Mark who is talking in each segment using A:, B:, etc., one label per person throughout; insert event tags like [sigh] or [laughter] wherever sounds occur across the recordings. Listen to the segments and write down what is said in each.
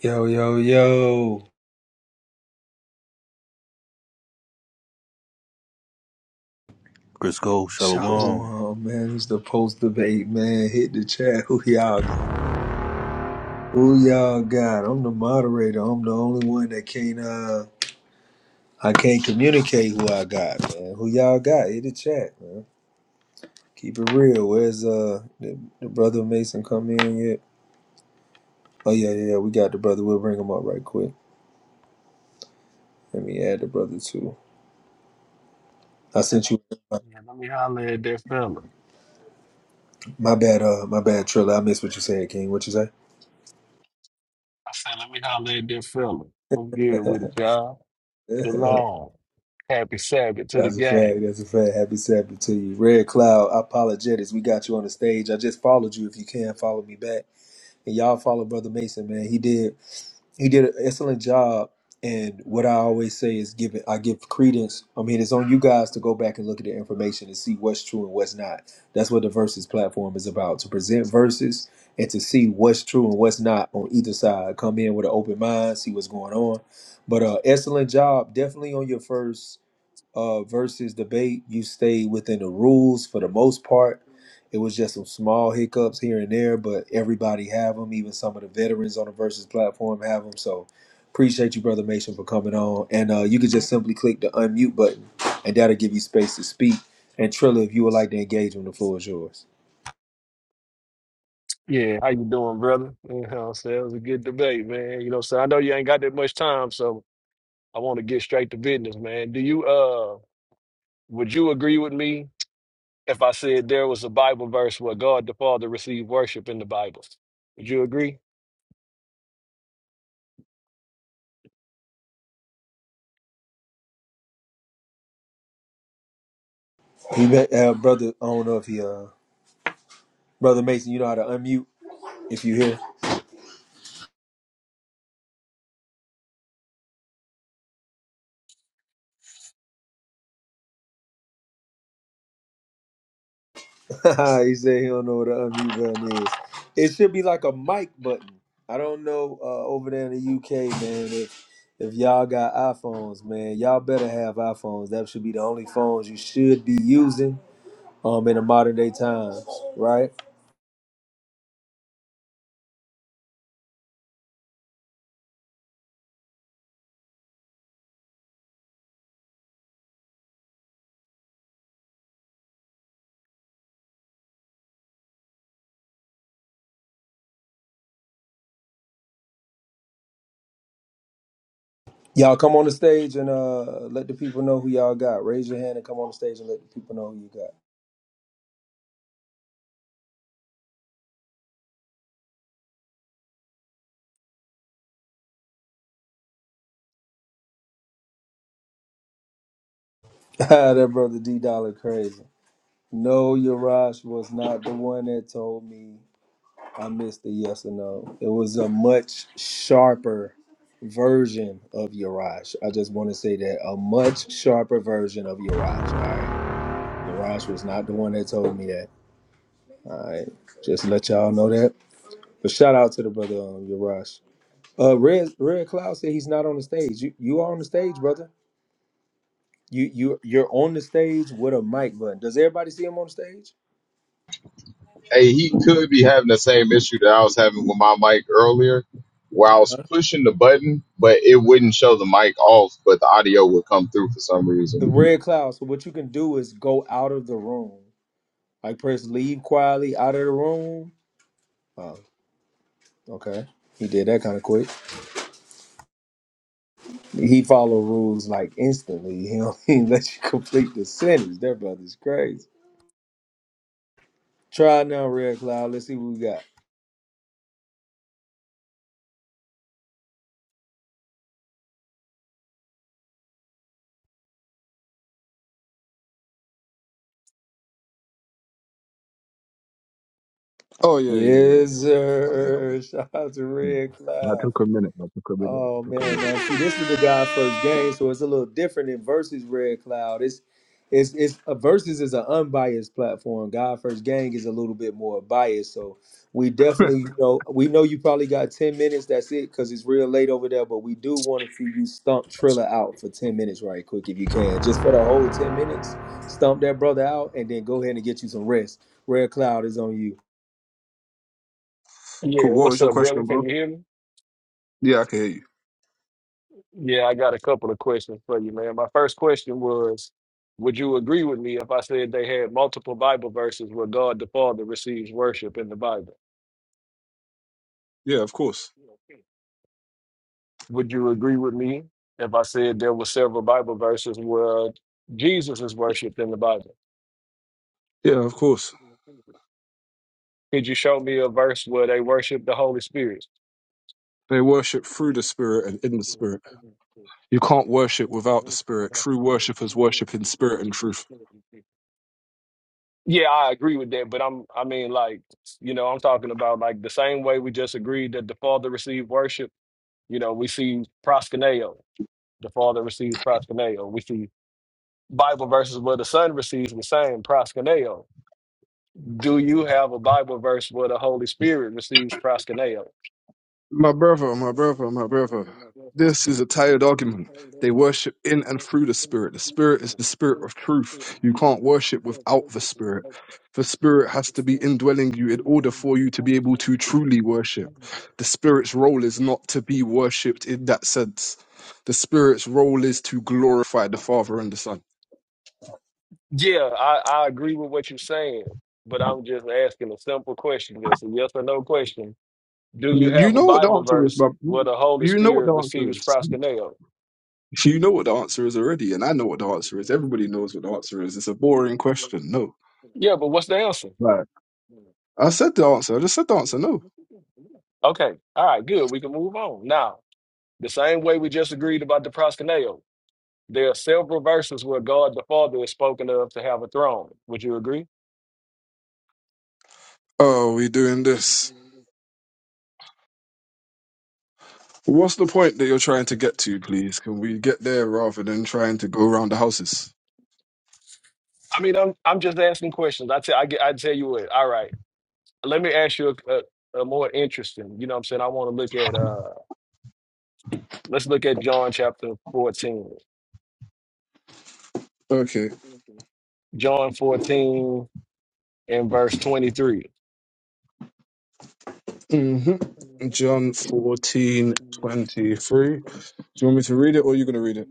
A: Yo, yo, yo.
B: Chris Cole, Shalom.
A: Shalom, man. It's the post debate, man. Hit the chat. Who y'all who y'all got? I'm the moderator. I'm the only one that can't uh I can't communicate who I got, man. Who y'all got? Hit the chat, man. Keep it real. Where's uh the, the brother Mason come in yet? Oh yeah, yeah, yeah. We got the brother. We'll bring him up right quick. Let me add the brother too. I sent you
C: Yeah, let me holler at that fella.
A: my bad, uh my bad Trilla. I missed what you said, King. What you
C: I said, let me holler at that fella. I'm good with it, y'all.
A: say? [laughs]
C: Shalom. Happy Sabbath to the
A: That's a fact.
C: gang.
A: That's a fact. Happy Sabbath to you. Red Cloud, apologetics. We got you on the stage. I just followed you. If you can, follow me back. And y'all follow Brother Mason, man. He did he did an excellent job. And what I always say is give it I give credence. I mean, it's on you guys to go back and look at the information and see what's true and what's not. That's what the verses platform is about. To present verses and to see what's true and what's not on either side. Come in with an open mind, see what's going on. But uh excellent job. Definitely on your first uh, versus debate, you stayed within the rules for the most part. It was just some small hiccups here and there, but everybody have them. Even some of the veterans on the versus platform have them. So appreciate you, brother Mason, for coming on. And uh, you can just simply click the unmute button, and that'll give you space to speak. And Trilla, if you would like to engage him, the floor is yours.
C: Yeah, how you doing, brother? You know what I'm saying? It was a good debate, man. You know what I'm saying? I know you ain't got that much time, so I want to get straight to business, man. Do you uh would you agree with me if I said there was a Bible verse where God the Father received worship in the Bible? Would you agree?
A: He, bet, uh, brother. I don't know if he, uh, brother Mason, you know how to unmute if you here. [laughs] he said he don't know what an unmute button is. It should be like a mic button. I don't know uh, over there in the UK, man. If if y'all got iPhones, man, y'all better have iPhones. That should be the only phones you should be using um in the modern day times, right? Y'all come on the stage and uh let the people know who y'all got. Raise your hand and come on the stage and let the people know who you got. [laughs] Ah, that brother D Dollar crazy. No, Yarash was not the one that told me I missed the yes or no. It was a much sharper version of Yaraj. I just want to say that a much sharper version of Yaraj. All right. Yaraj was not the one that told me that. All right. Just let y'all know that. But shout out to the brother um, Yaraj. Uh, Red Red Cloud said he's not on the stage. You you are on the stage, brother. You you you're on the stage with a mic button. Does everybody see him on the stage?
D: hey, he could be having the same issue that I was having with my mic earlier, where I was pushing the button, but it wouldn't show the mic off, but the audio would come through for some
A: The
D: reason.
A: Red Cloud. So what you can do is go out of the room like press leave quietly out of the room Oh, okay. He did that kind of quick. He followed rules like instantly. He don't [laughs] even let you complete the sentence. That brother's crazy. Try it now, Red Cloud. Let's see what we got.
E: Oh yeah, yeah, yeah, yeah, yeah.
A: Yes,
E: yeah. I'm here. I'm here.
A: sir. [laughs] Shout out to Red
E: Hmm. I
A: Cloud.
E: took a minute. I took a minute.
A: Oh
E: I took
A: man,
E: a
A: now
E: minute.
A: see, this is the God first game, so it's a little different than versus Red Cloud. It's it's it's a versus is an unbiased platform. God first gang is a little bit more biased, so we definitely
E: [laughs]
A: you know we know you probably got ten minutes. That's it, because it's real late over there. But we do want to see you stump Triller out for ten minutes, right quick, if you can, just for the whole ten minutes. Stump that brother out, and then go ahead and get you some rest. Red Cloud is on you.
C: Yeah,
E: Cool. What was
C: what's
E: your
C: up, brother?
E: question,
C: Can
E: bro?
C: you hear me?
E: Yeah, I can hear you.
C: Yeah, I got a couple of questions for you, man. My first question was, would you agree with me if I said they had multiple Bible verses where God the Father receives worship in the Bible?
E: Yeah, of course.
C: Would you agree with me if I said there were several Bible verses where Jesus is worshiped in the Bible?
E: Yeah, of course.
C: Could you show me a verse where they worship the Holy Spirit?
E: They worship through the spirit and in the spirit. You can't worship without the spirit. True worshippers worship in spirit and truth.
C: Yeah, I agree with that, but I'm I mean like, you know, I'm talking about like the same way we just agreed that the Father received worship, you know, we see proskuneo. The Father receives proskuneo. We see Bible verses where the Son receives the same proskuneo. Do you have a Bible verse where the Holy Spirit receives proskuneo?
E: My brother, my brother, my brother. This is a tired argument. They worship in and through the Spirit. The Spirit is the Spirit of truth. You can't worship without the Spirit. The Spirit has to be indwelling you in order for you to be able to truly worship. The Spirit's role is not to be worshipped in that sense. The Spirit's role is to glorify the Father and the Son.
C: Yeah, I, I agree with what you're saying, but I'm just asking a simple question. Just a yes or no question. Do you
E: You
C: have a
E: know what the
C: Bible
E: answer is,
C: verse
E: but
C: where
E: you
C: the Holy
E: you know what the
C: Spirit
E: answer
C: receives
E: is.
C: proskuneo?
E: You know what the answer is already, and I know what the answer is. Everybody knows what the answer is. It's a boring question. No.
C: Yeah, but what's the answer?
E: Right. I said the answer. I just said the answer. No.
C: Okay. All right, good. We can move on. Now, the same way we just agreed about the proskuneo. There are several verses where God the Father is spoken of to have a throne. Would you agree?
E: Oh, we doing this. What's the point that you're trying to get to, please? Can we get there rather than trying to go around the houses?
C: I mean, I'm I'm just asking questions. I tell I get I tell you what. All right, let me ask you a, a, a more interesting. You know, what I'm saying I want to look at. uh Let's look at John chapter 14.
E: Okay.
C: John 14 and verse 23.
E: hmm John fourteen twenty three. Do you want me to read it or are you going to read it?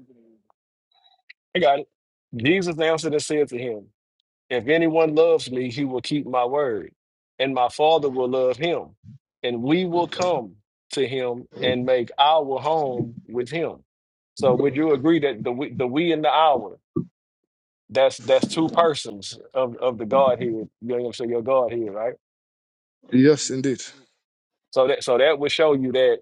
C: I got it. Jesus answered and said to him. If anyone loves me, he will keep my word, and my Father will love him, and we will come to him and make our home with him. So, would you agree that the we, the we and the our that's that's two persons of of the Godhead? You know what I'm saying? Your Godhead, right?
E: Yes, indeed.
C: So that so that would show you that.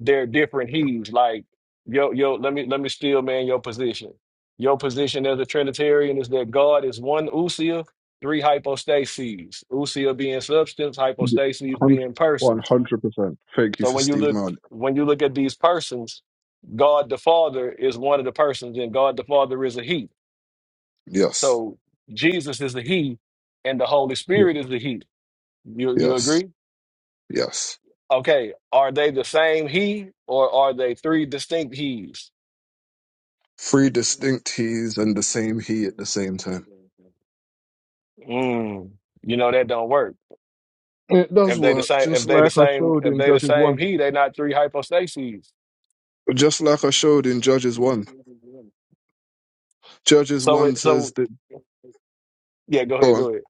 C: they're different hues. Like yo, yo, let me let me steal man your position. Your position as a Trinitarian is that God is one usia, three hypostases. Usia being substance,
E: Yeah.
C: hypostases
E: Hun-
C: being persons.
E: 100%. Thank you
C: So
E: for
C: when you
E: Steve
C: look
E: Marley.
C: when you look at these persons, God the Father is one of the persons, and God the Father is a He.
E: Yes.
C: So Jesus is the He, and the Holy
E: Yeah.
C: Spirit is the He. You you
E: Yes.
C: agree?
E: Yes.
C: Okay, are they the same He, or are they three distinct He's?
E: Three distinct he's and the same he at the same time.
C: Mm, you know that don't work.
E: It does
C: If they the
E: work,
C: same,
E: just
C: if they the
E: like I
C: same,
E: showed
C: if
E: in
C: they the
E: Judges 1.
C: same he, they not three hypostases.
E: Just like I showed in Judges 1. Judges
C: So
E: 1
C: it,
E: says
C: so
E: that,
C: yeah, go
E: go
C: ahead,
E: on.
C: go ahead.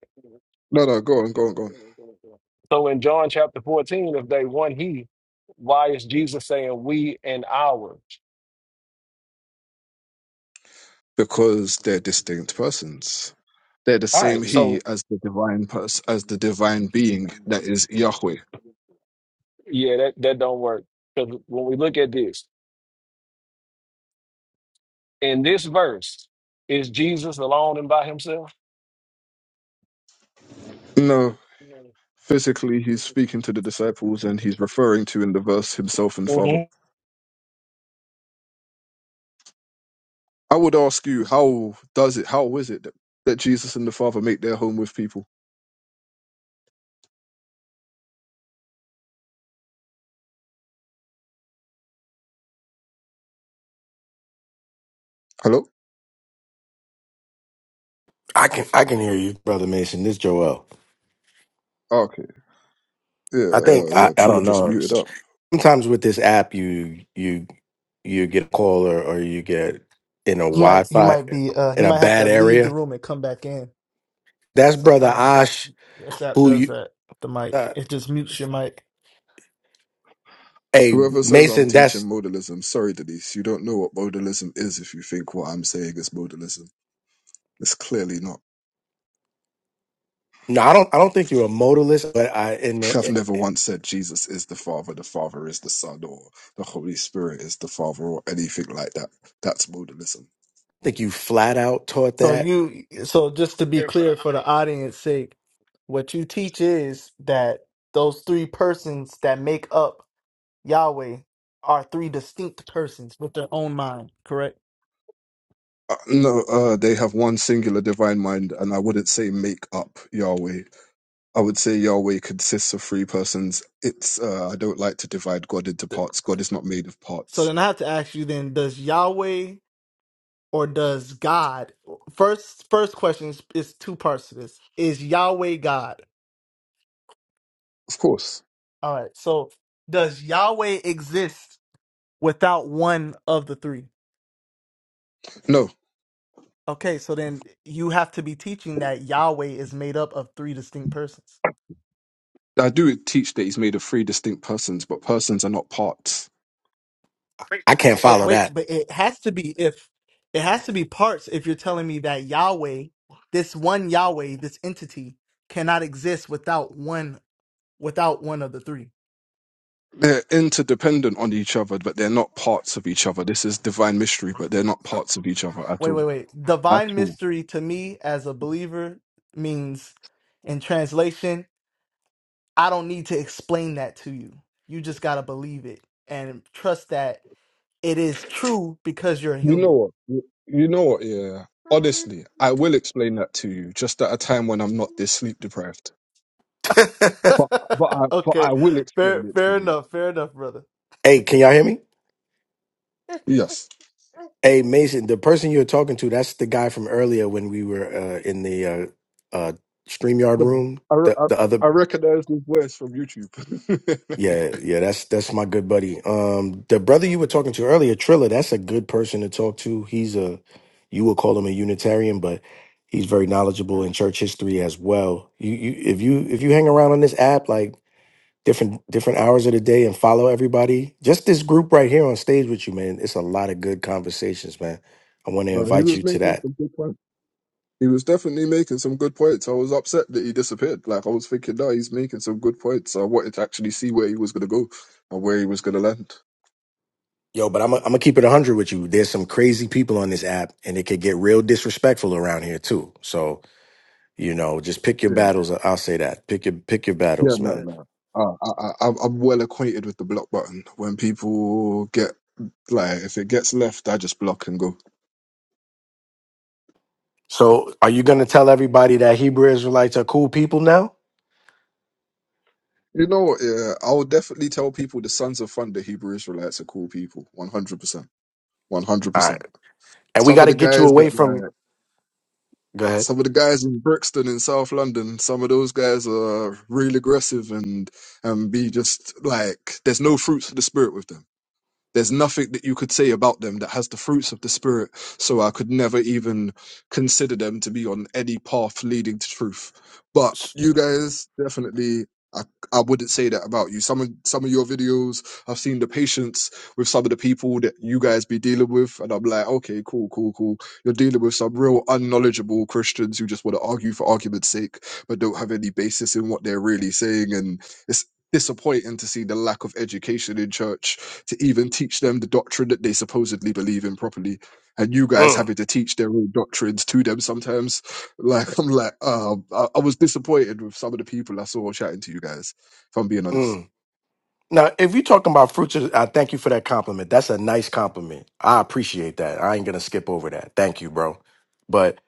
E: No, no, go on, go on, go on.
C: So in John chapter fourteen, if they one he, why is Jesus saying we and ours?
E: Because they're distinct persons. They're the
C: All
E: same
C: right,
E: he
C: so
E: as the divine person, as the divine being that is Yahweh.
C: Yeah, that, that don't work. Because when we look at this, in this verse, is Jesus alone and by himself?
E: No, physically he's speaking to the disciples and he's referring to in the verse himself and
C: Mhm.
E: Father. I would ask you, how does it, how is it that, that Jesus and the Father make their home with people? Hello?
F: I can I can hear you, brother Mason. This Joel.
E: Oh, okay. Yeah,
F: I
E: uh,
F: think I,
E: yeah,
F: I
E: Triller
F: don't
E: just
F: know.
E: muted up.
F: Sometimes with this app, you you you get a call or, or you get in a
G: He might he
F: Wi-Fi
G: might be uh
F: in
G: he
F: a
G: might have to
F: bad
G: leave the
F: area.
G: room and come back in.
F: That's brother
G: Sometimes this app
F: Ash,
G: this app
F: who
G: does
F: you.
G: that. with The mic
F: Uh,
G: it just mutes your mic.
F: hey
E: Whoever says I'm
F: Mason,
E: teaching
F: that's
E: modalism, sorry, Denise, you don't know what modalism is if you think what I'm saying is modalism. It's clearly not.
F: no. I don't I don't think you're a modalist, but I in,
E: [laughs]
F: the,
E: I've
F: in
E: never
F: I
E: once said Jesus is the Father, the Father is the Son, or the Holy Spirit is the Father, or anything like that. That's modalism.
F: think you flat out taught
G: So
F: that.
G: you so just to be clear for the audience sake, what you teach is that those three persons that make up Yahweh are three distinct persons with their own mind, correct?
E: Uh, no, uh, they have one singular divine mind, and I wouldn't say make up Yahweh. I would say Yahweh consists of three persons. It's uh, I don't like to divide God into
G: Th-
E: parts. God is not made of
G: So
E: parts.
G: then I have to ask you then does Yahweh or does God first first question is, is two parts to this. Is Yahweh God?
E: Of course.
G: All right. So does Yahweh exist without one of the three?
E: No.
G: Okay, so then you have to be teaching that Yahweh is made up of three distinct persons.
E: I do teach that he's made of three distinct persons, but persons are not parts.
F: I can't
G: Oh
F: follow
G: wait,
F: that.
G: but it has to be if it has to be parts if you're telling me that Yahweh, this one Yahweh, this entity cannot exist without one without one of the three.
E: They're interdependent on each other, but they're not parts of each other. This is divine mystery, but they're not parts of each other at
G: Wait,
E: all.
G: wait, wait.
E: At
G: Divine
E: all.
G: mystery to me as a believer means in translation I don't need to explain that to you. You just got to believe it and trust that it is true because you're a
E: You know
G: human.
E: what? You you know what, yeah. Honestly, I will explain that to you just at a time when I'm not this sleep deprived.
F: [laughs]
E: But but I
G: [laughs]
E: but
G: okay.
E: I will explain
G: Fair
E: it to
G: fair
E: you.
G: enough. Fair enough, brother.
F: hey, can y'all hear me?
E: Yes.
F: Hey Mason, the person you're talking to, that's the guy from earlier when we were uh, in the uh, uh, StreamYard room.
E: I,
F: The
E: I,
F: the other
E: I recognize his voice from YouTube.
F: yeah, yeah, that's that's my good buddy. Um the brother you were talking to earlier, Triller, that's a good person to talk to. He's a you would call him a Unitarian, but he's very knowledgeable in church history as well. You you if you if you hang around on this app like different different hours of the day and follow everybody, just this group right here on stage with you, man, it's a lot of good conversations, man. I want
E: [laughs]
F: to
E: but he
F: invite
E: was
F: you to
E: making
F: that.
E: some good points. He was definitely making some good points. I was upset that he disappeared. Like I was thinking, no, he's making some good points. I wanted to actually see where he was going to go and where he was going to land.
F: Yo, but I'm i am i gonna keep it 100 with you. There's some crazy people on this app, and it could get real disrespectful around here too. So you know, just pick your
E: Yeah,
F: battles. I'll say that. Pick your pick your
E: yeah,
F: battles,
E: no,
F: man.
E: no. Uh, I, I, I'm I'm well acquainted with the block button. When people get like, if it gets left, I just block and go.
F: So are you gonna tell everybody that Hebrew Israelites are cool people now?
E: You know what? Yeah, I will definitely tell people the Sons of Thunder, Hebrew Israelites, are cool people. One hundred percent. One hundred
F: All
E: percent.
F: right, and we
E: Some
F: got
E: of
F: to
E: the
F: get you
E: guys that
F: away from.
E: like
F: Go ahead.
E: some of the guys in Brixton in South London, some of those guys are real aggressive and and be just like there's no fruits of the spirit with them. There's nothing that you could say about them that has the fruits of the Spirit, so I could never even consider them to be on any path leading to truth. But you guys definitely. I, I wouldn't say that about you. Some of some of your videos, I've seen the patience with some of the people that you guys be dealing with, and I'm like, okay, cool, cool, cool. You're dealing with some real unknowledgeable Christians who just want to argue for argument's sake, but don't have any basis in what they're really saying, and it's disappointing to see the lack of education in church to even teach them the doctrine that they supposedly believe in properly. And you guys
F: Mm,
E: having to teach their own doctrines to them sometimes. [laughs] Like, I'm like, um, I, I was disappointed with some of the people I saw chatting to you guys, if I'm being
F: mm.
E: honest.
F: Now, if you're talking about fruits, of the- I thank you for that compliment. That's a nice compliment. I appreciate that. I ain't gonna skip over that. Thank you, bro. But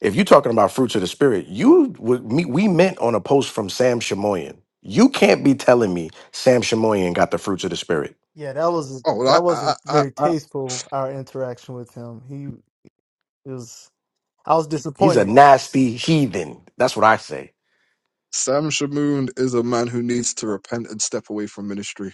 F: if you're talking about fruits of the spirit, you would me we meant on a post from Sam Shamoyan. You can't be telling me Sam Shamoyan got the fruits of the spirit.
G: Yeah, that was
E: Oh,
G: that
E: well, I, I,
G: wasn't
E: I,
G: very
E: I,
G: tasteful our interaction with him. He it was I was
F: He's a
G: disappointed.
F: nasty heathen. That's what I say.
E: Sam Shamoon is a man who needs to repent and step away from ministry.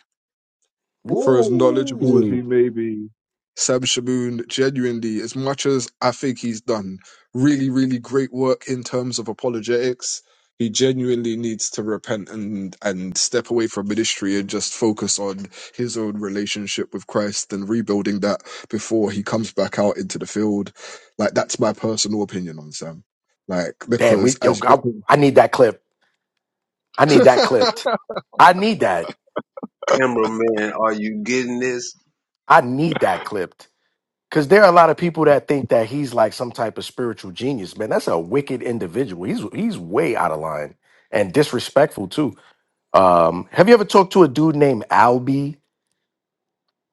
E: For as knowledgeable as
F: Woo!
E: he may be, Sam Shaboon genuinely, as much as I think he's done really, really great work in terms of apologetics, he genuinely needs to repent and and step away from ministry and just focus on his own relationship with Christ and rebuilding that before he comes back out into the field. Like that's my personal opinion on Sam. Like
F: Damn, we
E: because
F: yo,
E: as
F: I,
E: because
F: I need that clip. I need that clipped. I need that.
H: cameraman, are you getting this?
F: I need that clipped. Because there are a lot of people that think that he's like some type of spiritual genius, man. That's a wicked individual. He's he's way out of line and disrespectful too. Um, have you ever talked to a dude named Albie?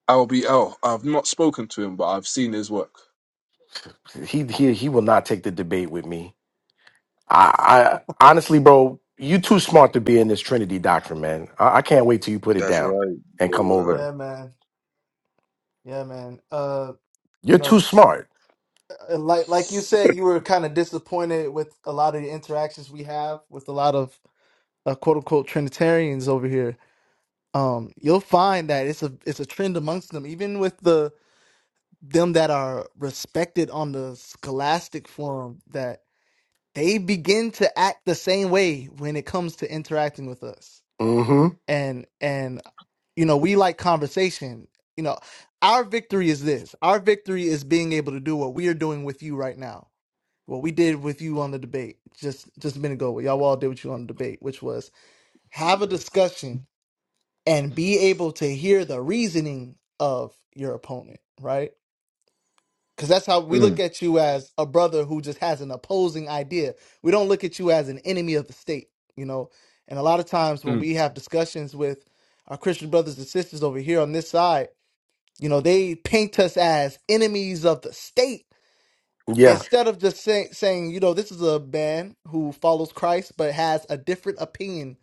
E: LBL. I've not spoken to him, but I've seen his work.
F: He he he will not take the debate with me. I, I honestly, bro, you too smart to be in this Trinity doctrine, man. I, I can't wait till you put it
H: That's
F: down
H: right,
F: and come
H: Joel.
F: over.
G: Yeah, man. Yeah, man. Uh, you
F: You're
G: know,
F: too smart.
G: uh, like like you said you were kind of disappointed with a lot of the interactions we have with a lot of uh, quote unquote trinitarians over here um you'll find that it's a it's a trend amongst them even with the them that are respected on the scholastic forum that they begin to act the same way when it comes to interacting with us
F: Mm-hmm.
G: and and you know we like conversation you know our victory is this our victory is being able to do what we are doing with you right now what we did with you on the debate just just a minute ago what y'all all did with you on the debate which was have a discussion and be able to hear the reasoning of your opponent, right? Because that's how we look
E: Mm,
G: at you as a brother who just has an opposing idea. We don't look at you as an enemy of the state, you know? And a lot of times when
E: mm.
G: we have discussions with our Christian brothers and sisters over here on this side, you know, they paint us as enemies of the state
F: Yeah,
G: instead of just say, saying, you know, this is a man who follows Christ but has a different opinion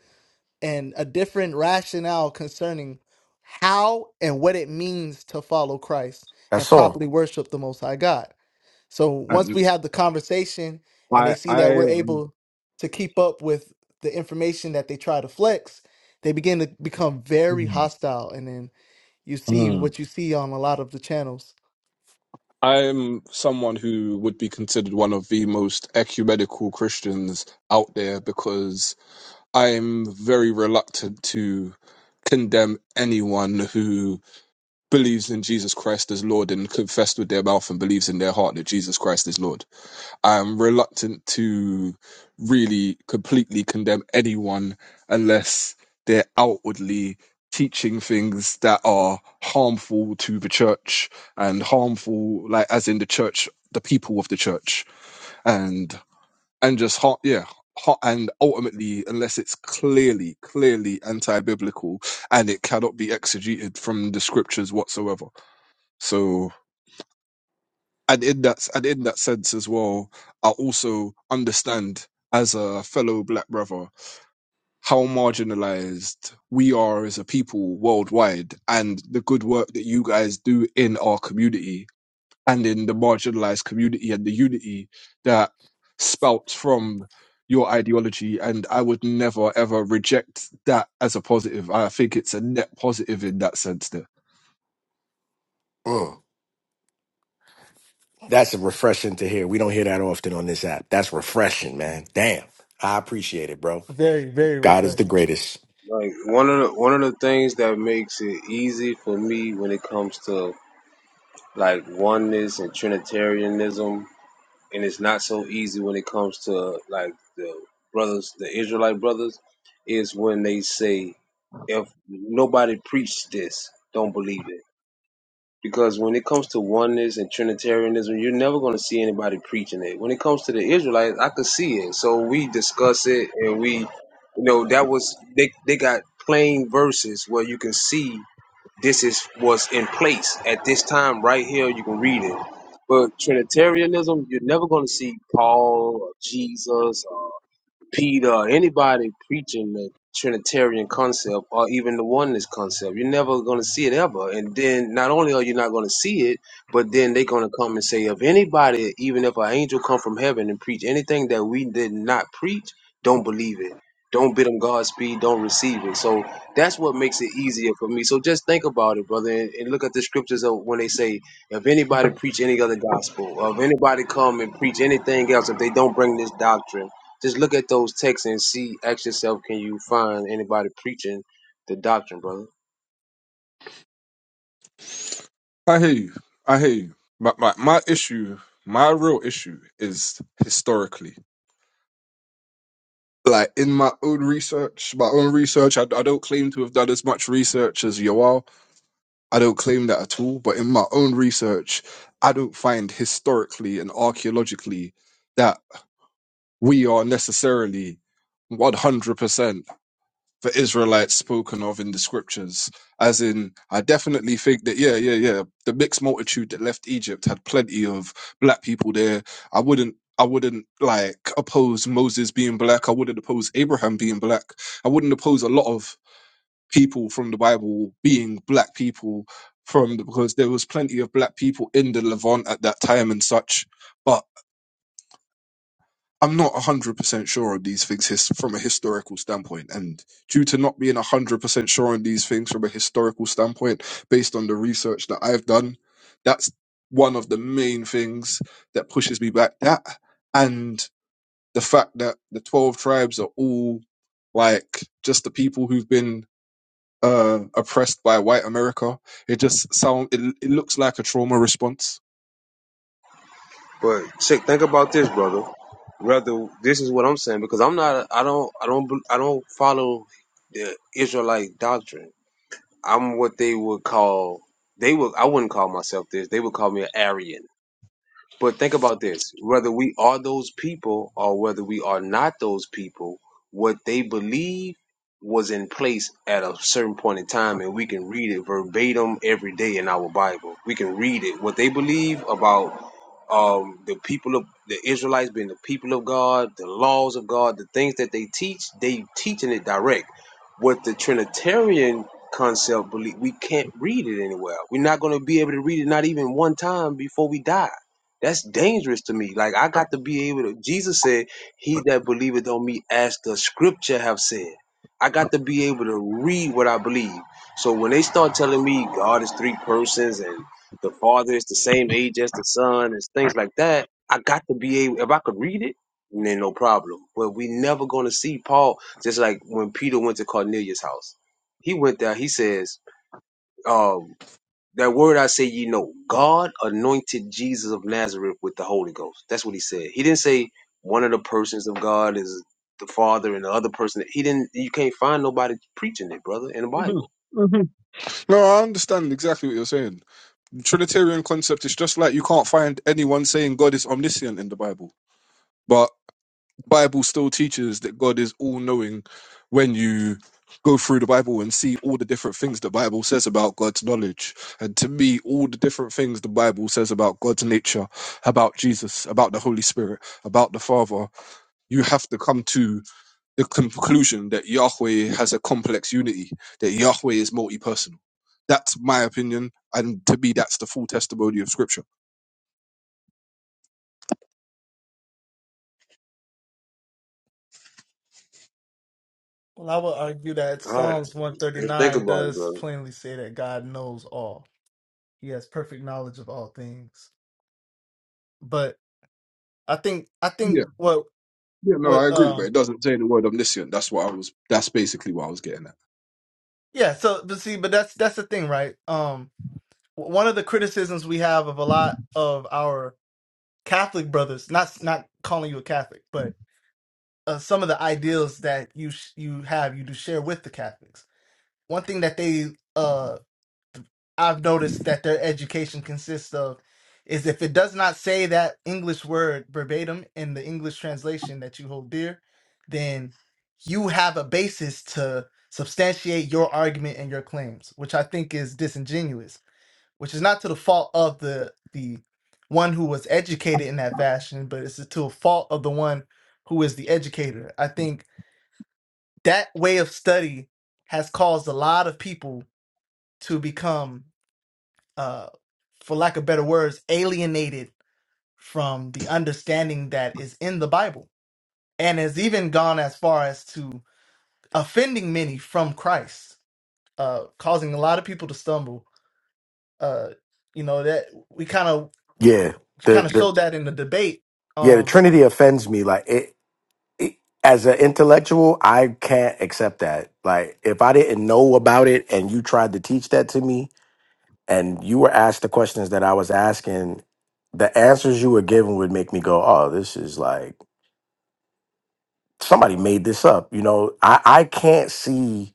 G: and a different rationale concerning how and what it means to follow Christ
F: that's
G: and
F: all.
G: properly worship the Most High God. So
E: And
G: once we have the conversation and they
E: I
G: see that
E: I
G: we're
E: um,
G: able to keep up with the information that they try to flex, they begin to become very
E: mm,
G: hostile. And then you see
E: mm.
G: what you see on a lot of the channels.
E: I'm someone who would be considered one of the most ecumenical Christians out there because I'm very reluctant to condemn anyone who believes in Jesus Christ as Lord and confessed with their mouth and believes in their heart that Jesus Christ is Lord. I'm reluctant to really completely condemn anyone unless they're outwardly teaching things that are harmful to the church and harmful, like as in the church, the people of the church, and and just har yeah. har- And ultimately, unless it's clearly, clearly anti-biblical, and it cannot be exegeted from the scriptures whatsoever. So, and in that and in that sense as well, I also understand as a fellow black brother how marginalized we are as a people worldwide and the good work that you guys do in our community and in the marginalized community and the unity that spouts from your ideology. And I would never ever reject that as a positive. I think it's a net positive in that sense there.
F: Mm. That's refreshing to hear. We don't hear that often on this app. That's refreshing, man. Damn. I appreciate it, bro.
G: Very, very
F: God is the
G: refreshing.
F: greatest.
H: Like one of the one of the things that makes it easy for me when it comes to like oneness and Trinitarianism, and it's not so easy when it comes to like the brothers, the Israelite brothers, is when they say, if nobody preached this, don't believe it. Because when it comes to oneness and Trinitarianism, you're never going to see anybody preaching it. When it comes to the Israelites, I could see it. So we discuss it, and we, you know, that was they they got plain verses where you can see this is what's in place at this time right here. You can read it. But Trinitarianism, you're never going to see Paul or Jesus. Peter, anybody preaching the Trinitarian concept or even the oneness concept, you're never going to see it ever. And then not only are you not going to see it, but then they're going to come and say, if anybody, even if an angel come from heaven and preach anything that we did not preach, don't believe it. Don't bid them Godspeed. Don't receive it. So that's what makes it easier for me. So just think about it, brother, and, and look at the scriptures of when they say, if anybody preach any other gospel, or if anybody come and preach anything else, if they don't bring this doctrine, just look at those texts and see, ask yourself, can you find anybody preaching the doctrine, brother?
E: I hear you. I hear you. But my, my issue, my real issue is historically. Like in my own research, my own research, I, I don't claim to have done as much research as Yoel. I don't claim that at all, but in my own research, I don't find historically and archaeologically that we are necessarily 100% the Israelites spoken of in the scriptures. As in, I definitely think that, yeah, yeah, yeah, the mixed multitude that left Egypt had plenty of black people there. I wouldn't. I wouldn't like oppose Moses being black. I wouldn't oppose Abraham being black. I wouldn't oppose a lot of people from the Bible being black people from the, because there was plenty of black people in the Levant at that time and such. But I'm not 100% sure on these things his, from a historical standpoint. And due to not being 100% sure on these things from a historical standpoint, based on the research that I've done, that's one of the main things that pushes me back. That and the fact that the 12 tribes are all like just the people who've been uh, oppressed by white America. It just sound it, it looks like a trauma response.
H: But check, think about this, brother. Rather, this is what I'm saying because I'm not, I don't, I don't, bel- I don't follow the Israelite doctrine. I'm what they would call, they would, I wouldn't call myself this. They would call me an Aryan. But think about this whether we are those people or whether we are not those people, what they believe was in place at a certain point in time, and we can read it verbatim every day in our Bible. We can read it. What they believe about um, the people of the Israelites being the people of God, the laws of God, the things that they teach, they teaching it direct. What the Trinitarian concept believe, we can't read it anywhere. We're not going to be able to read it, not even one time before we die. That's dangerous to me. Like I got to be able to. Jesus said, "He that believeth on me, as the Scripture have said." I got to be able to read what I believe. So when they start telling me God is three persons and the father is the same age as the son and things like that. I got to be able if I could read it, then no problem. But we never gonna see Paul just like when Peter went to Cornelius' house. He went there, he says, um, that word I say ye know, God anointed Jesus of Nazareth with the Holy Ghost. That's what he said. He didn't say one of the persons of God is the Father and the other person. He didn't you can't find nobody preaching it, brother, in the Bible.
E: hmm No, I understand exactly what you're saying. The Trinitarian concept is just like you can't find anyone saying God is omniscient in the Bible. but. Bible still teaches that God is all knowing when you go through the Bible and see all the different things the Bible says about God's knowledge. And to me, all the different things the Bible says about God's nature, about Jesus, about the Holy Spirit, about the Father, you have to come to the conclusion that Yahweh has a complex unity, that Yahweh is multi personal. That's my opinion. And to me, that's the full testimony of Scripture.
G: Well, I would argue that
H: All right.
G: Psalms
H: and think
G: 139
H: about it,
G: does
H: brother.
G: plainly say that God knows all. He has perfect knowledge of all things. but I think I think
E: Yeah,
G: what
E: yeah, no, I
G: what
E: agree, but
G: um
E: it doesn't say the word omniscient. That's what I was, that's basically what I was getting at.
G: yeah so but see but that's that's the thing right um w- one of the criticisms we have of a lot of our Catholic brothers not not calling you a Catholic but uh, some of the ideals that you sh- you have you do share with the Catholics one thing that they uh I've noticed that their education consists of is if it does not say that English word verbatim in the English translation that you hold dear, then you have a basis to substantiate your argument and your claims, which I think is disingenuous, which is not to the fault of the the one who was educated in that fashion, but it's to a fault of the one who is the educator. I think that way of study has caused a lot of people to become uh, for lack of better words, alienated from the understanding that is in the Bible, and has even gone as far as to offending many from Christ, uh, causing a lot of people to stumble. Uh, you know that we kind of
F: Yeah. The
G: kind of
F: the
G: showed that in the debate.
F: yeah, the
G: Um,
F: Trinity offends me. Like it, it as an intellectual, I can't accept that. Like if I didn't know about it and you tried to teach that to me and you were asked the questions that I was asking, the answers you were given would make me go, Oh, this is like somebody made this up. You know, I, I can't see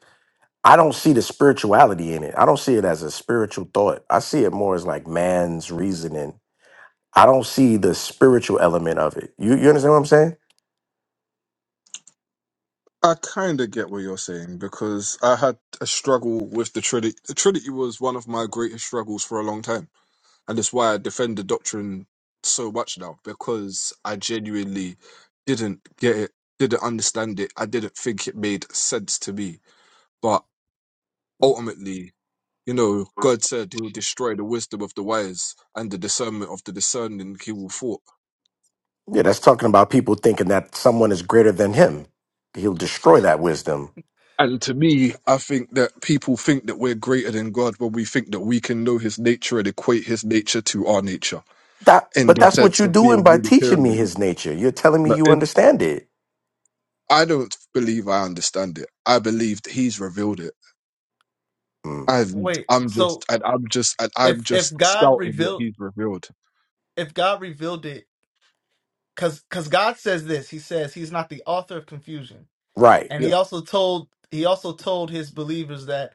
F: I don't see the spirituality in it. I don't see it as a spiritual thought. I see it more as like man's reasoning. I don't see the spiritual element of it. You you understand what I'm saying?
E: I kind of get what you're saying because I had a struggle with the Trinity. The Trinity was one of my greatest struggles for a long time, and it's why I defend the doctrine so much now because I genuinely didn't get it, didn't understand it, I didn't think it made sense to me. But ultimately, you know, God said He will destroy the wisdom of the wise and the discernment of the discerning He will thwart.
F: Yeah, that's talking about people thinking that someone is greater than him. He'll destroy that wisdom.
E: And to me, I think that people think that we're greater than God when we think that we can know his nature and equate his nature to our nature
F: That,
E: in
F: but
E: the
F: that's
G: wh-
F: what
E: sense
F: you're
E: of being
F: doing by teaching me
E: Unitarian.
F: his nature. You're telling me
E: But
F: you
E: it,
F: understand it.
E: I don't believe I understand it. I believe that he's revealed it.
F: Mm.
E: And
G: wait,
E: I'm just
G: so
E: and I'm just and I'm
G: if if
E: just
G: God
E: spouting what
G: revealed
E: he's revealed.
G: if God revealed it, because because God says this, He says He's not the author of confusion,
F: Right.
G: and
E: Yeah.
G: He also told He also told His believers that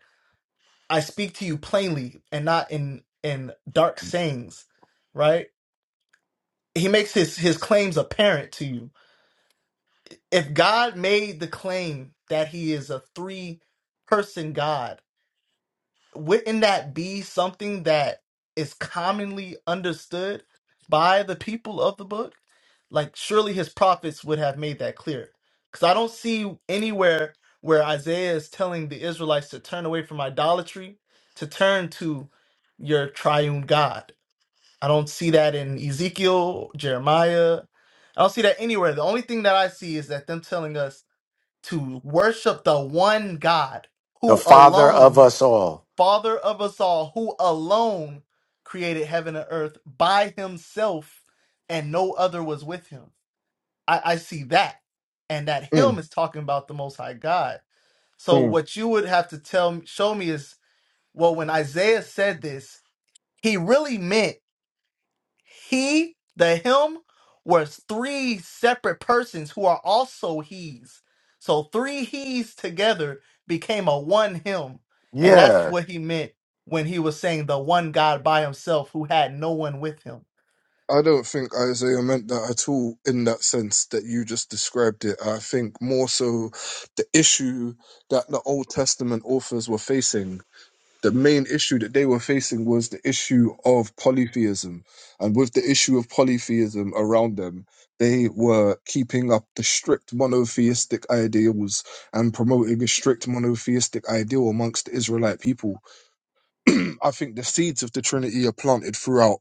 G: I speak to you plainly and not in in dark sayings, right? He makes his his claims apparent to you. If God made the claim that he is a three person God, wouldn't that be something that is commonly understood by the people of the book? Like, surely his prophets would have made that clear. Because I don't see anywhere where Isaiah is telling the Israelites to turn away from idolatry, to turn to your triune God. I don't see that in Ezekiel, Jeremiah. I don't see that anywhere. The only thing that I see is that them telling us to worship the one God
F: The
G: who
F: father of
G: alone
F: us all.
G: Father of us all, who alone created heaven and earth by himself, and no other was with him. I, I see that. And that him
E: Mm,
G: is talking about the Most High God. So
E: mm.
G: what you would have to tell show me is well, when Isaiah said this, he really meant he, the him, was three separate persons who are also he's. So three he's together became a one him. And that's
F: Yeah.
G: what he meant when he was saying the one God by himself who had no one with him.
E: I don't think Isaiah meant that at all in that sense that you just described it. I think more so the issue that the Old Testament authors were facing. The main issue that they were facing was the issue of polytheism. And with the issue of polytheism around them, they were keeping up the strict monotheistic ideals and promoting a strict monotheistic ideal amongst the Israelite people [clears throat] I think the seeds of the Trinity are planted throughout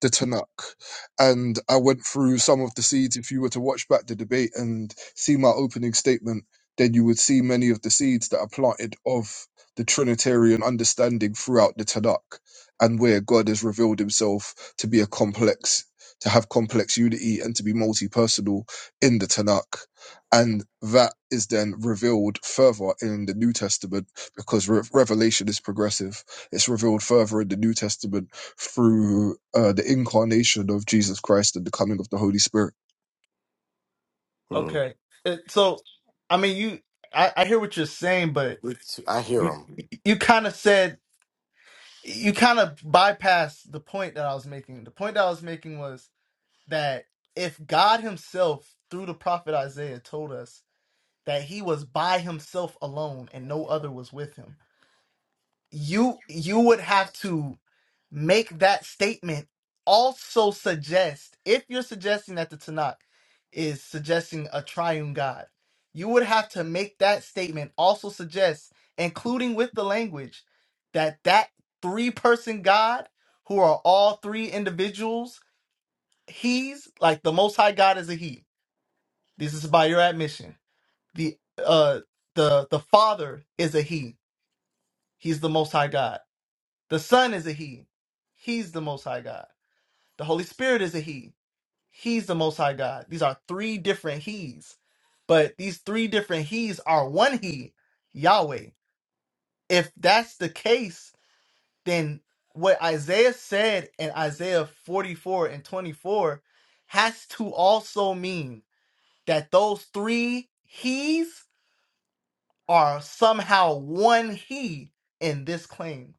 E: the Tanakh. And I went through some of the seeds. If you were to watch back the debate and see my opening statement, then you would see many of the seeds that are planted of the Trinitarian understanding throughout the Tanakh and where God has revealed himself to be a complex, to have complex unity and to be multi personal in the Tanakh. And that is then revealed further in the New Testament because Re- Revelation is progressive it's revealed further in the New Testament through uh, the incarnation of Jesus Christ and the coming of the Holy Spirit.
F: Mm.
G: Okay. Uh, So, I mean, you, I, I hear what you're saying, but
F: I hear
G: you,
F: him.
G: you kind of said, you kind of bypassed the point that I was making. The point that I was making was that if God himself, through the prophet Isaiah, told us that he was by himself alone and no other was with him. You you would have to make that statement also suggest if you're suggesting that the Tanakh is suggesting a triune God, you would have to make that statement also suggest, including with the language, that that three person God who are all three individuals, he's like the most high God is a he. This is by your admission the uh the the father is a he he's the most high god the son is a he he's the most high god the holy spirit is a he he's the most high god these are three different he's but these three different he's are one he yahweh if that's the case then what isaiah said in isaiah 44 and 24 has to also mean that those three he's are somehow one he in this claim.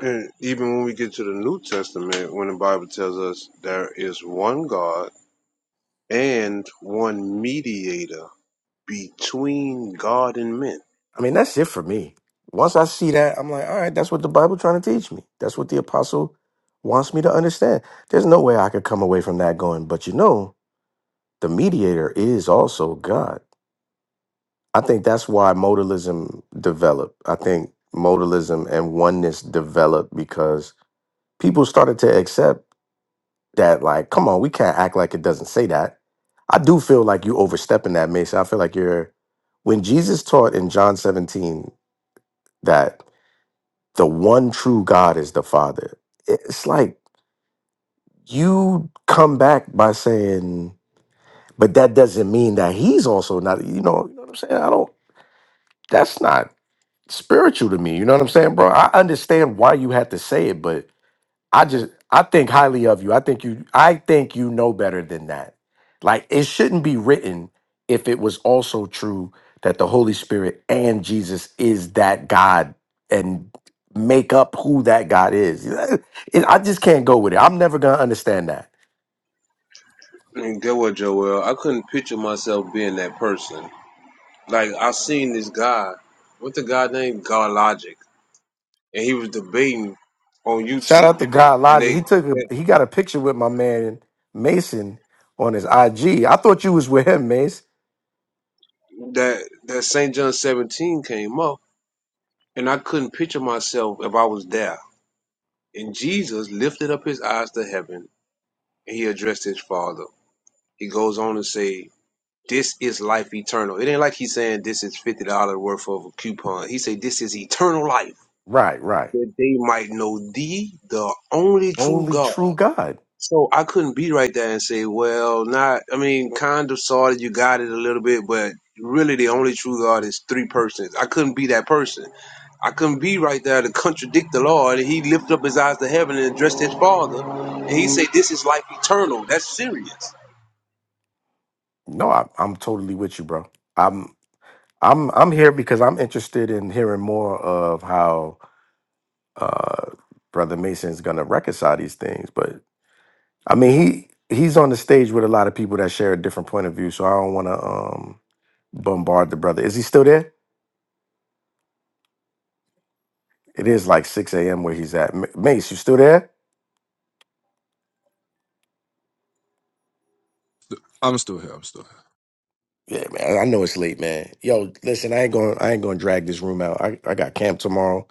H: And even when we get to the New Testament, when the Bible tells us there is one God and one mediator between God and men.
F: I mean, that's it for me. Once I see that, I'm like, all right, that's what the Bible trying to teach me. That's what the apostle wants me to understand. There's no way I could come away from that going, but you know, the mediator is also God. I think that's why modalism developed. I think modalism and oneness developed because people started to accept that, like, come on, we can't act like it doesn't say that. I do feel like you overstepping that, Mason. I feel like you're when Jesus taught in John 17 that the one true God is the Father, it's like you come back by saying, but that doesn't mean that he's also not, you know, you know what I'm saying? I don't that's not spiritual to me. You know what I'm saying, bro? I understand why you had to say it, but I just I think highly of you. I think you I think you know better than that. Like it shouldn't be written if it was also true that the Holy Spirit and Jesus is that God and make up who that God is. [laughs] It- I just can't go with it. I'm never gonna understand that.
H: And get what, Joel? I couldn't picture myself being that person. Like, I seen this guy, what's the guy named? God Logic. And he was debating on
F: Shout out
H: YouTube.
F: to God
H: And
F: Logic.
H: they,
F: He took
H: they
F: a he got a picture with my man Mason on his IG. I thought you was with him, Mace.
H: that that St. John 17 came up, and I couldn't picture myself if I was there. And Jesus lifted up his eyes to heaven, and he addressed his father. He goes on to say, "This is life eternal." It ain't like he's saying this is fifty dollars worth of a coupon. He said, "This is eternal life,
F: Right, right.
H: that they might know thee, the only true
F: only
H: God."
F: true God.
H: So I couldn't be right there and say, well, not, I mean, kind of, sort of, you got it a little bit, but really the only true God is three persons. I couldn't be that person. I couldn't be right there to contradict the Lord. he lifted up his eyes to heaven and addressed his father. And he said, this is life eternal. That's serious.
F: No, I, I'm totally with you, bro. I'm I'm I'm here because I'm interested in hearing more of how uh, Brother Mason's gonna reconcile these things. But I mean, he he's on the stage with a lot of people that share a different point of view, so I don't want to um, bombard the brother. Is he still there? It is like 6 a.m. where he's at. M- Mace, you still there?
E: I'm still here. I'm still here.
F: Yeah, man. I know it's late, man. Yo, listen, I ain't going. I ain't going to drag this room out. I, I got camp tomorrow.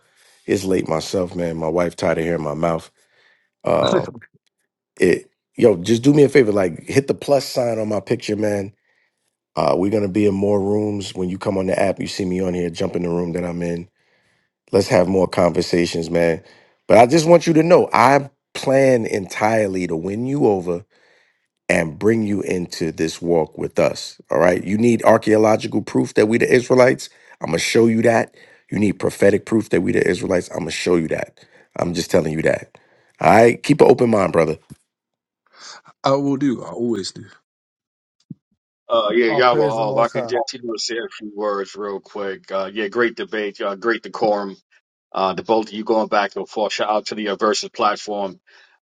F: It's late myself, man. My wife tired of hearing my mouth. Uh, it yo, just do me a favor, like hit the plus sign on my picture, man. Uh, we're gonna be in more rooms when you come on the app. You see me on here, jump in the room that I'm in. Let's have more conversations, man. But I just want you to know, I plan entirely to win you over and bring you into this walk with us. All right. You need archaeological proof that we the Israelites. I'm gonna show you that. You need prophetic proof that we the Israelites. I'm gonna show you that. I'm just telling you that. All right. Keep an open mind, brother.
E: I will do. I always do.
I: Uh, yeah,
G: All
I: y'all were
G: praise the
I: all. I
G: Most
I: can
G: High.
I: just you know, say a few words real quick. Uh, yeah, great debate. Uh, great decorum. Uh, the both of you going back and forth. Shout out to the uh, Versus platform.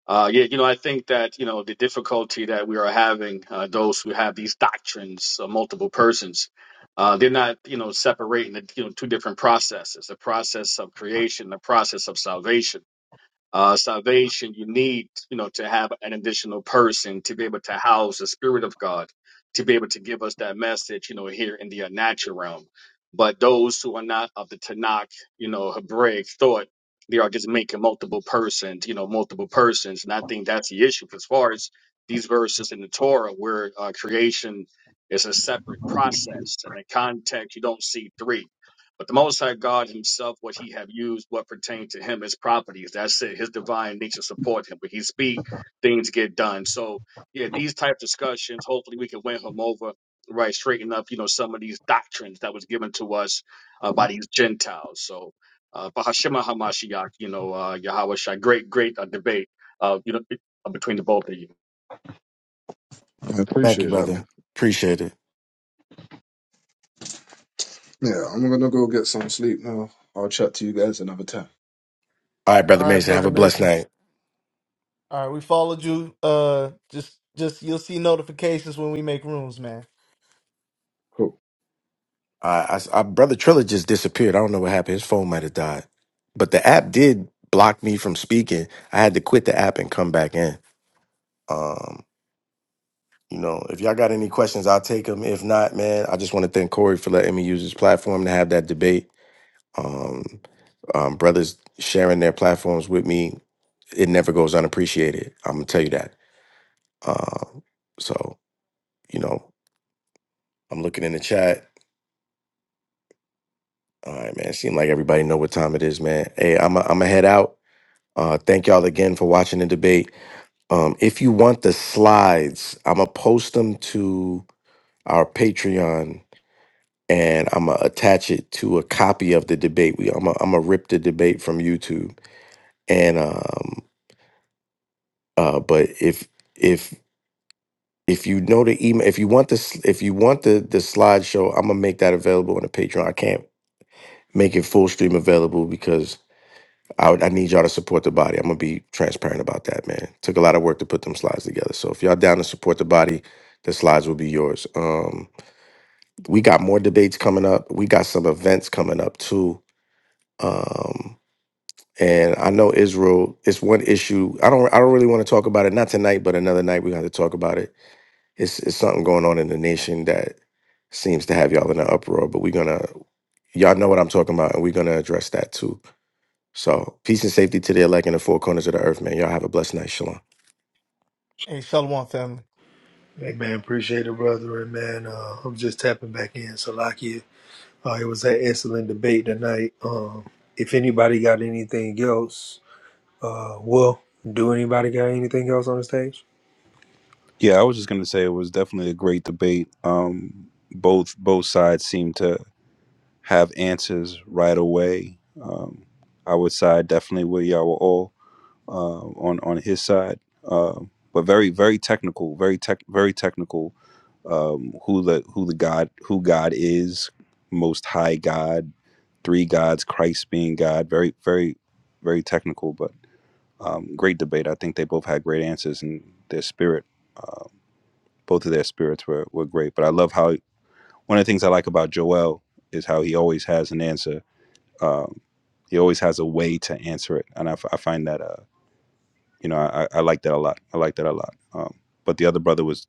I: Uh, yeah, you know, I think that, you know, the difficulty that we are having, uh, those who have these doctrines of multiple persons, uh, they're not, you know, separating the, you know, two different processes, the process of creation, the process of salvation. Uh, salvation, you need, you know, to have an additional person to be able to house the Spirit of God, to be able to give us that message, you know, here in the uh, natural realm. But those who are not of the Tanakh, you know, Hebraic thought, they are just making multiple persons, you know, multiple persons. And I think that's the issue as far as these verses in the Torah where uh, creation is a separate process. And in the context, you don't see three. But the Most High God Himself, what He have used, what pertain to Him, His properties. That's it. His divine nature support Him. When He speak, things get done. So yeah, these type discussions. Hopefully, we can win Him over, right? Straighten up, you know, some of these doctrines that was given to us uh, by these Gentiles. So, uh, Bahashima Hamashiach, you know, uh, Yahweh Shai, great, great uh, debate, uh, you know, between the both of you.
E: I
F: Thank you,
E: appreciate that, man.
F: brother. Appreciate it.
E: Yeah, I'm gonna go get some sleep now. I'll chat to you guys another time.
F: All right, brother
G: All right,
F: Mason. Have
G: brother
F: a blessed
G: Mason.
F: night.
G: All right, we followed you. Uh, just just you'll see notifications when we make rooms, man.
E: Cool.
F: Uh, I, s- uh, brother Triller just disappeared. I don't know what happened. His phone might have died, but the app did block me from speaking. I had to quit the app and come back in. Um, you know, if y'all got any questions, I'll take them. If not, man, I just want to thank Corey for letting me use his platform to have that debate. Um, um, brothers sharing their platforms with me, it never goes unappreciated. I'm gonna tell you that. Um, so you know, I'm looking in the chat. All right, man. Seems like everybody know what time it is, man. Hey, I'm i I'm gonna head out. Uh, thank y'all again for watching the debate. Um, if you want the slides, I'm gonna post them to our Patreon, and I'm gonna attach it to a copy of the debate. We I'm gonna, I'm gonna rip the debate from YouTube, and um, uh, but if if if you know the email, if you want this, if you want the the slideshow, I'm gonna make that available on the Patreon. I can't make it full stream available because I, would- I need y'all to support the body. I'm gonna be transparent about that, man. Took a lot of work to put them slides together. So if y'all down to support the body, the slides will be yours. Um, we got more debates coming up. We got some events coming up too. Um, and I know Israel. It's one issue. I don't. I don't really want to talk about it. Not tonight, but another night we have to talk about it. It's it's something going on in the nation that seems to have y'all in an uproar. But we're gonna. Y'all know what I'm talking about, and we're gonna address that too. So peace and safety to the elect in the four corners of the earth, man. Y'all have a blessed night. Shalom.
G: Hey, Shalom family.
A: Hey man, appreciate it, brother. And man, uh, I'm just tapping back in. Salakia. Uh, it was an excellent debate tonight. Um, if anybody got anything else, uh, well, do anybody got anything else on the stage?
B: Yeah, I was just gonna say it was definitely a great debate. Um, both both sides seem to have answers right away. Um, I would side definitely with Yahweh uh, on on his side, Um but very very technical, very tech very technical. Um, who the who the God who God is, Most High God, three gods, Christ being God. Very very very technical, but. Um, great debate. I think they both had great answers, and their spirit, um, both of their spirits were, were great. But I love how one of the things I like about Joel is how he always has an answer. Um, he always has a way to answer it, and I, f- I find that uh, you know I, I like that a lot. I like that a lot. Um, but the other brother was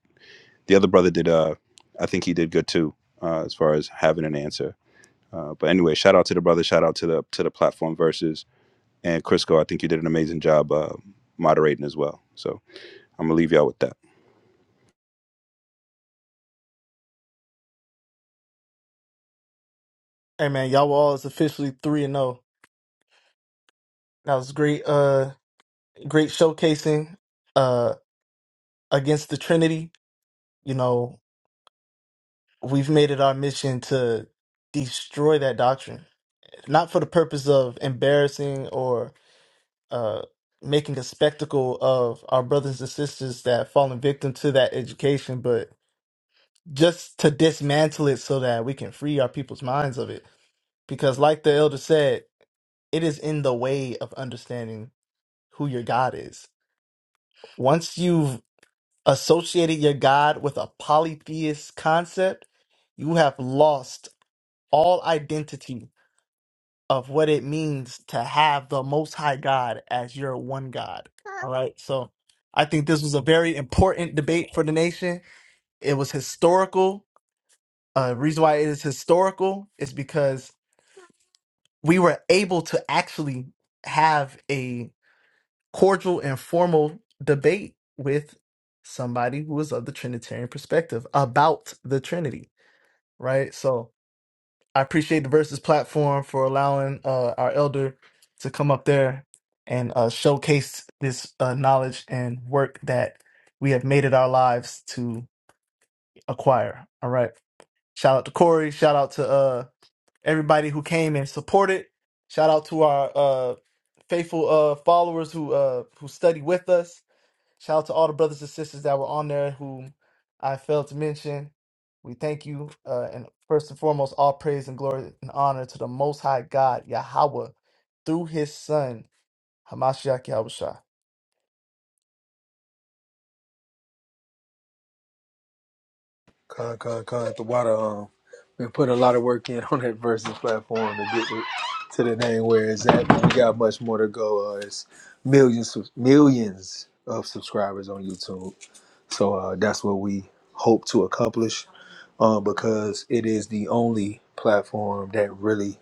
B: the other brother did. Uh, I think he did good too, uh, as far as having an answer. Uh, but anyway, shout out to the brother. Shout out to the to the platform versus and Crisco. I think you did an amazing job uh, moderating as well. So. I'm gonna leave y'all with that.
G: Hey man, y'all were all is officially three and zero. That was great. Uh, great showcasing. Uh, against the Trinity. You know, we've made it our mission to destroy that doctrine, not for the purpose of embarrassing or uh, making a spectacle of our brothers and sisters that fallen victim to that education, but just to dismantle it so that we can free our people's minds of it. Because, like the elder said, it is in the way of understanding who your God is. Once you've associated your God with a polytheist concept, you have lost all identity of what it means to have the most high God as your one God. All right. So I think this was a very important debate for the nation. It was historical. Uh reason why it is historical is because we were able to actually have a cordial and formal debate with somebody who was of the Trinitarian perspective about the Trinity. Right. So I appreciate the Versus platform for allowing uh, our elder to come up there and uh, showcase this uh, knowledge and work that we have made it our lives to acquire. All right. Shout out to Corey. Shout out to uh, everybody who came and supported. Shout out to our uh, faithful uh, followers who uh, who study with us. Shout out to all the brothers and sisters that were on there who I failed to mention. We thank you. Uh, and first and foremost, all praise and glory and honor to the Most High God, Yahweh, through his Son, Hamashiach Yahushua.
A: Con, con, con. The water. Um, we put a lot of work in [laughs] on that versus platform to get it to the name where it's at. But we got much more to go. Uh, it's millions, millions of subscribers on YouTube. So uh, that's what we hope to accomplish. Um, because it is the only platform that really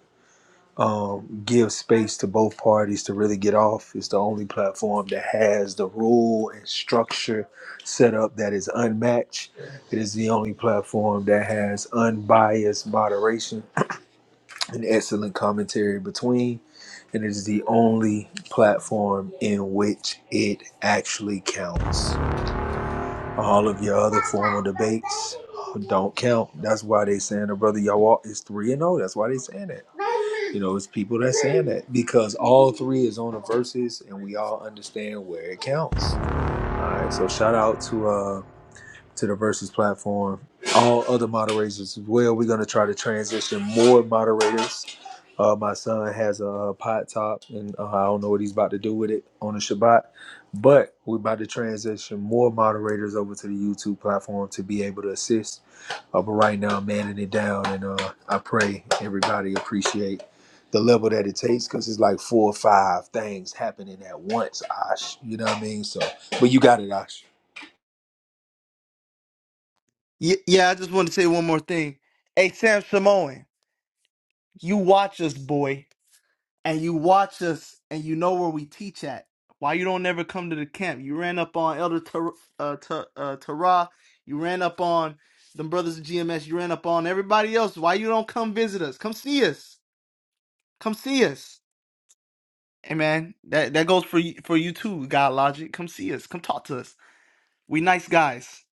A: um, give space to both parties to really get off. It's the only platform that has the rule and structure set up that is unmatched. It is the only platform that has unbiased moderation and excellent commentary between. And it is the only platform in which it actually counts. All of your other formal debates don't count. That's why they saying the brother y'all all is three and zero. That's why they saying that. You know, it's people that saying that because all three is on the verses, and we all understand where it counts. All right, so shout out to uh, to the Versus platform. All other moderators as well. We're going to try to transition more moderators. Uh, my son has a, uh pot top, and uh, I don't know what he's about to do with it on the Shabbat. But we're about to transition more moderators over to the YouTube platform to be able to assist. Uh, but right now, I'm manning it down, and uh, I pray everybody appreciate the level that it takes because it's like four or five things happening at once, Ash. You know what I mean? So, but you got it, Ash.
G: Yeah, yeah, I just want to say one more thing. Hey, Sam Samoan, you watch us, boy. and you watch us and you know where we teach at. Why you don't never come to the camp? You ran up on Elder Tar- uh, Tar- uh, Tara. You ran up on them brothers of GMS. You ran up on everybody else. Why you don't come visit us? Come see us. Come see us. Hey man, that that goes for you, for you too. God logic. Come see us. Come talk to us. We nice guys.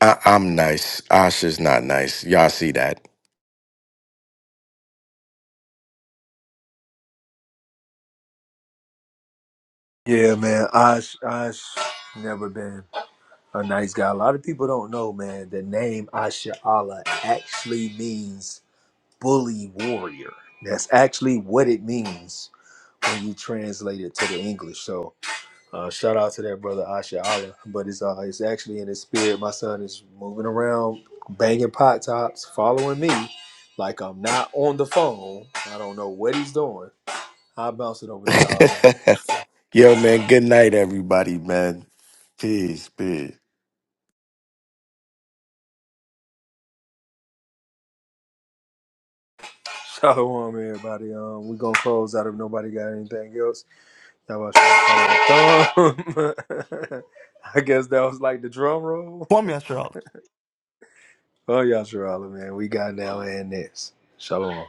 F: I, I'm nice. Asha's not nice. Y'all see that.
A: Yeah, man. Osh, Osh, never been a nice guy. A lot of people don't know, man. The name Asha Allah actually means bully warrior. That's actually what it means when you translate it to the English. So, uh, shout out to that brother Asha Allah. But it's uh, it's actually in his spirit. My son is moving around, banging pot tops, following me, like I'm not on the phone. I don't know what he's doing. I'll bounce it over to y'all, man.
F: [laughs] Yo, man, good night, everybody, man. Peace, peace.
A: Shalom, everybody. Um, we gonna close out if nobody got anything else. Y'all about to shout out thumb. [laughs] I guess that was like the drum roll.
G: Form yourselves.
A: Oh, y'all, Shalom, man. We got now and this. Shalom.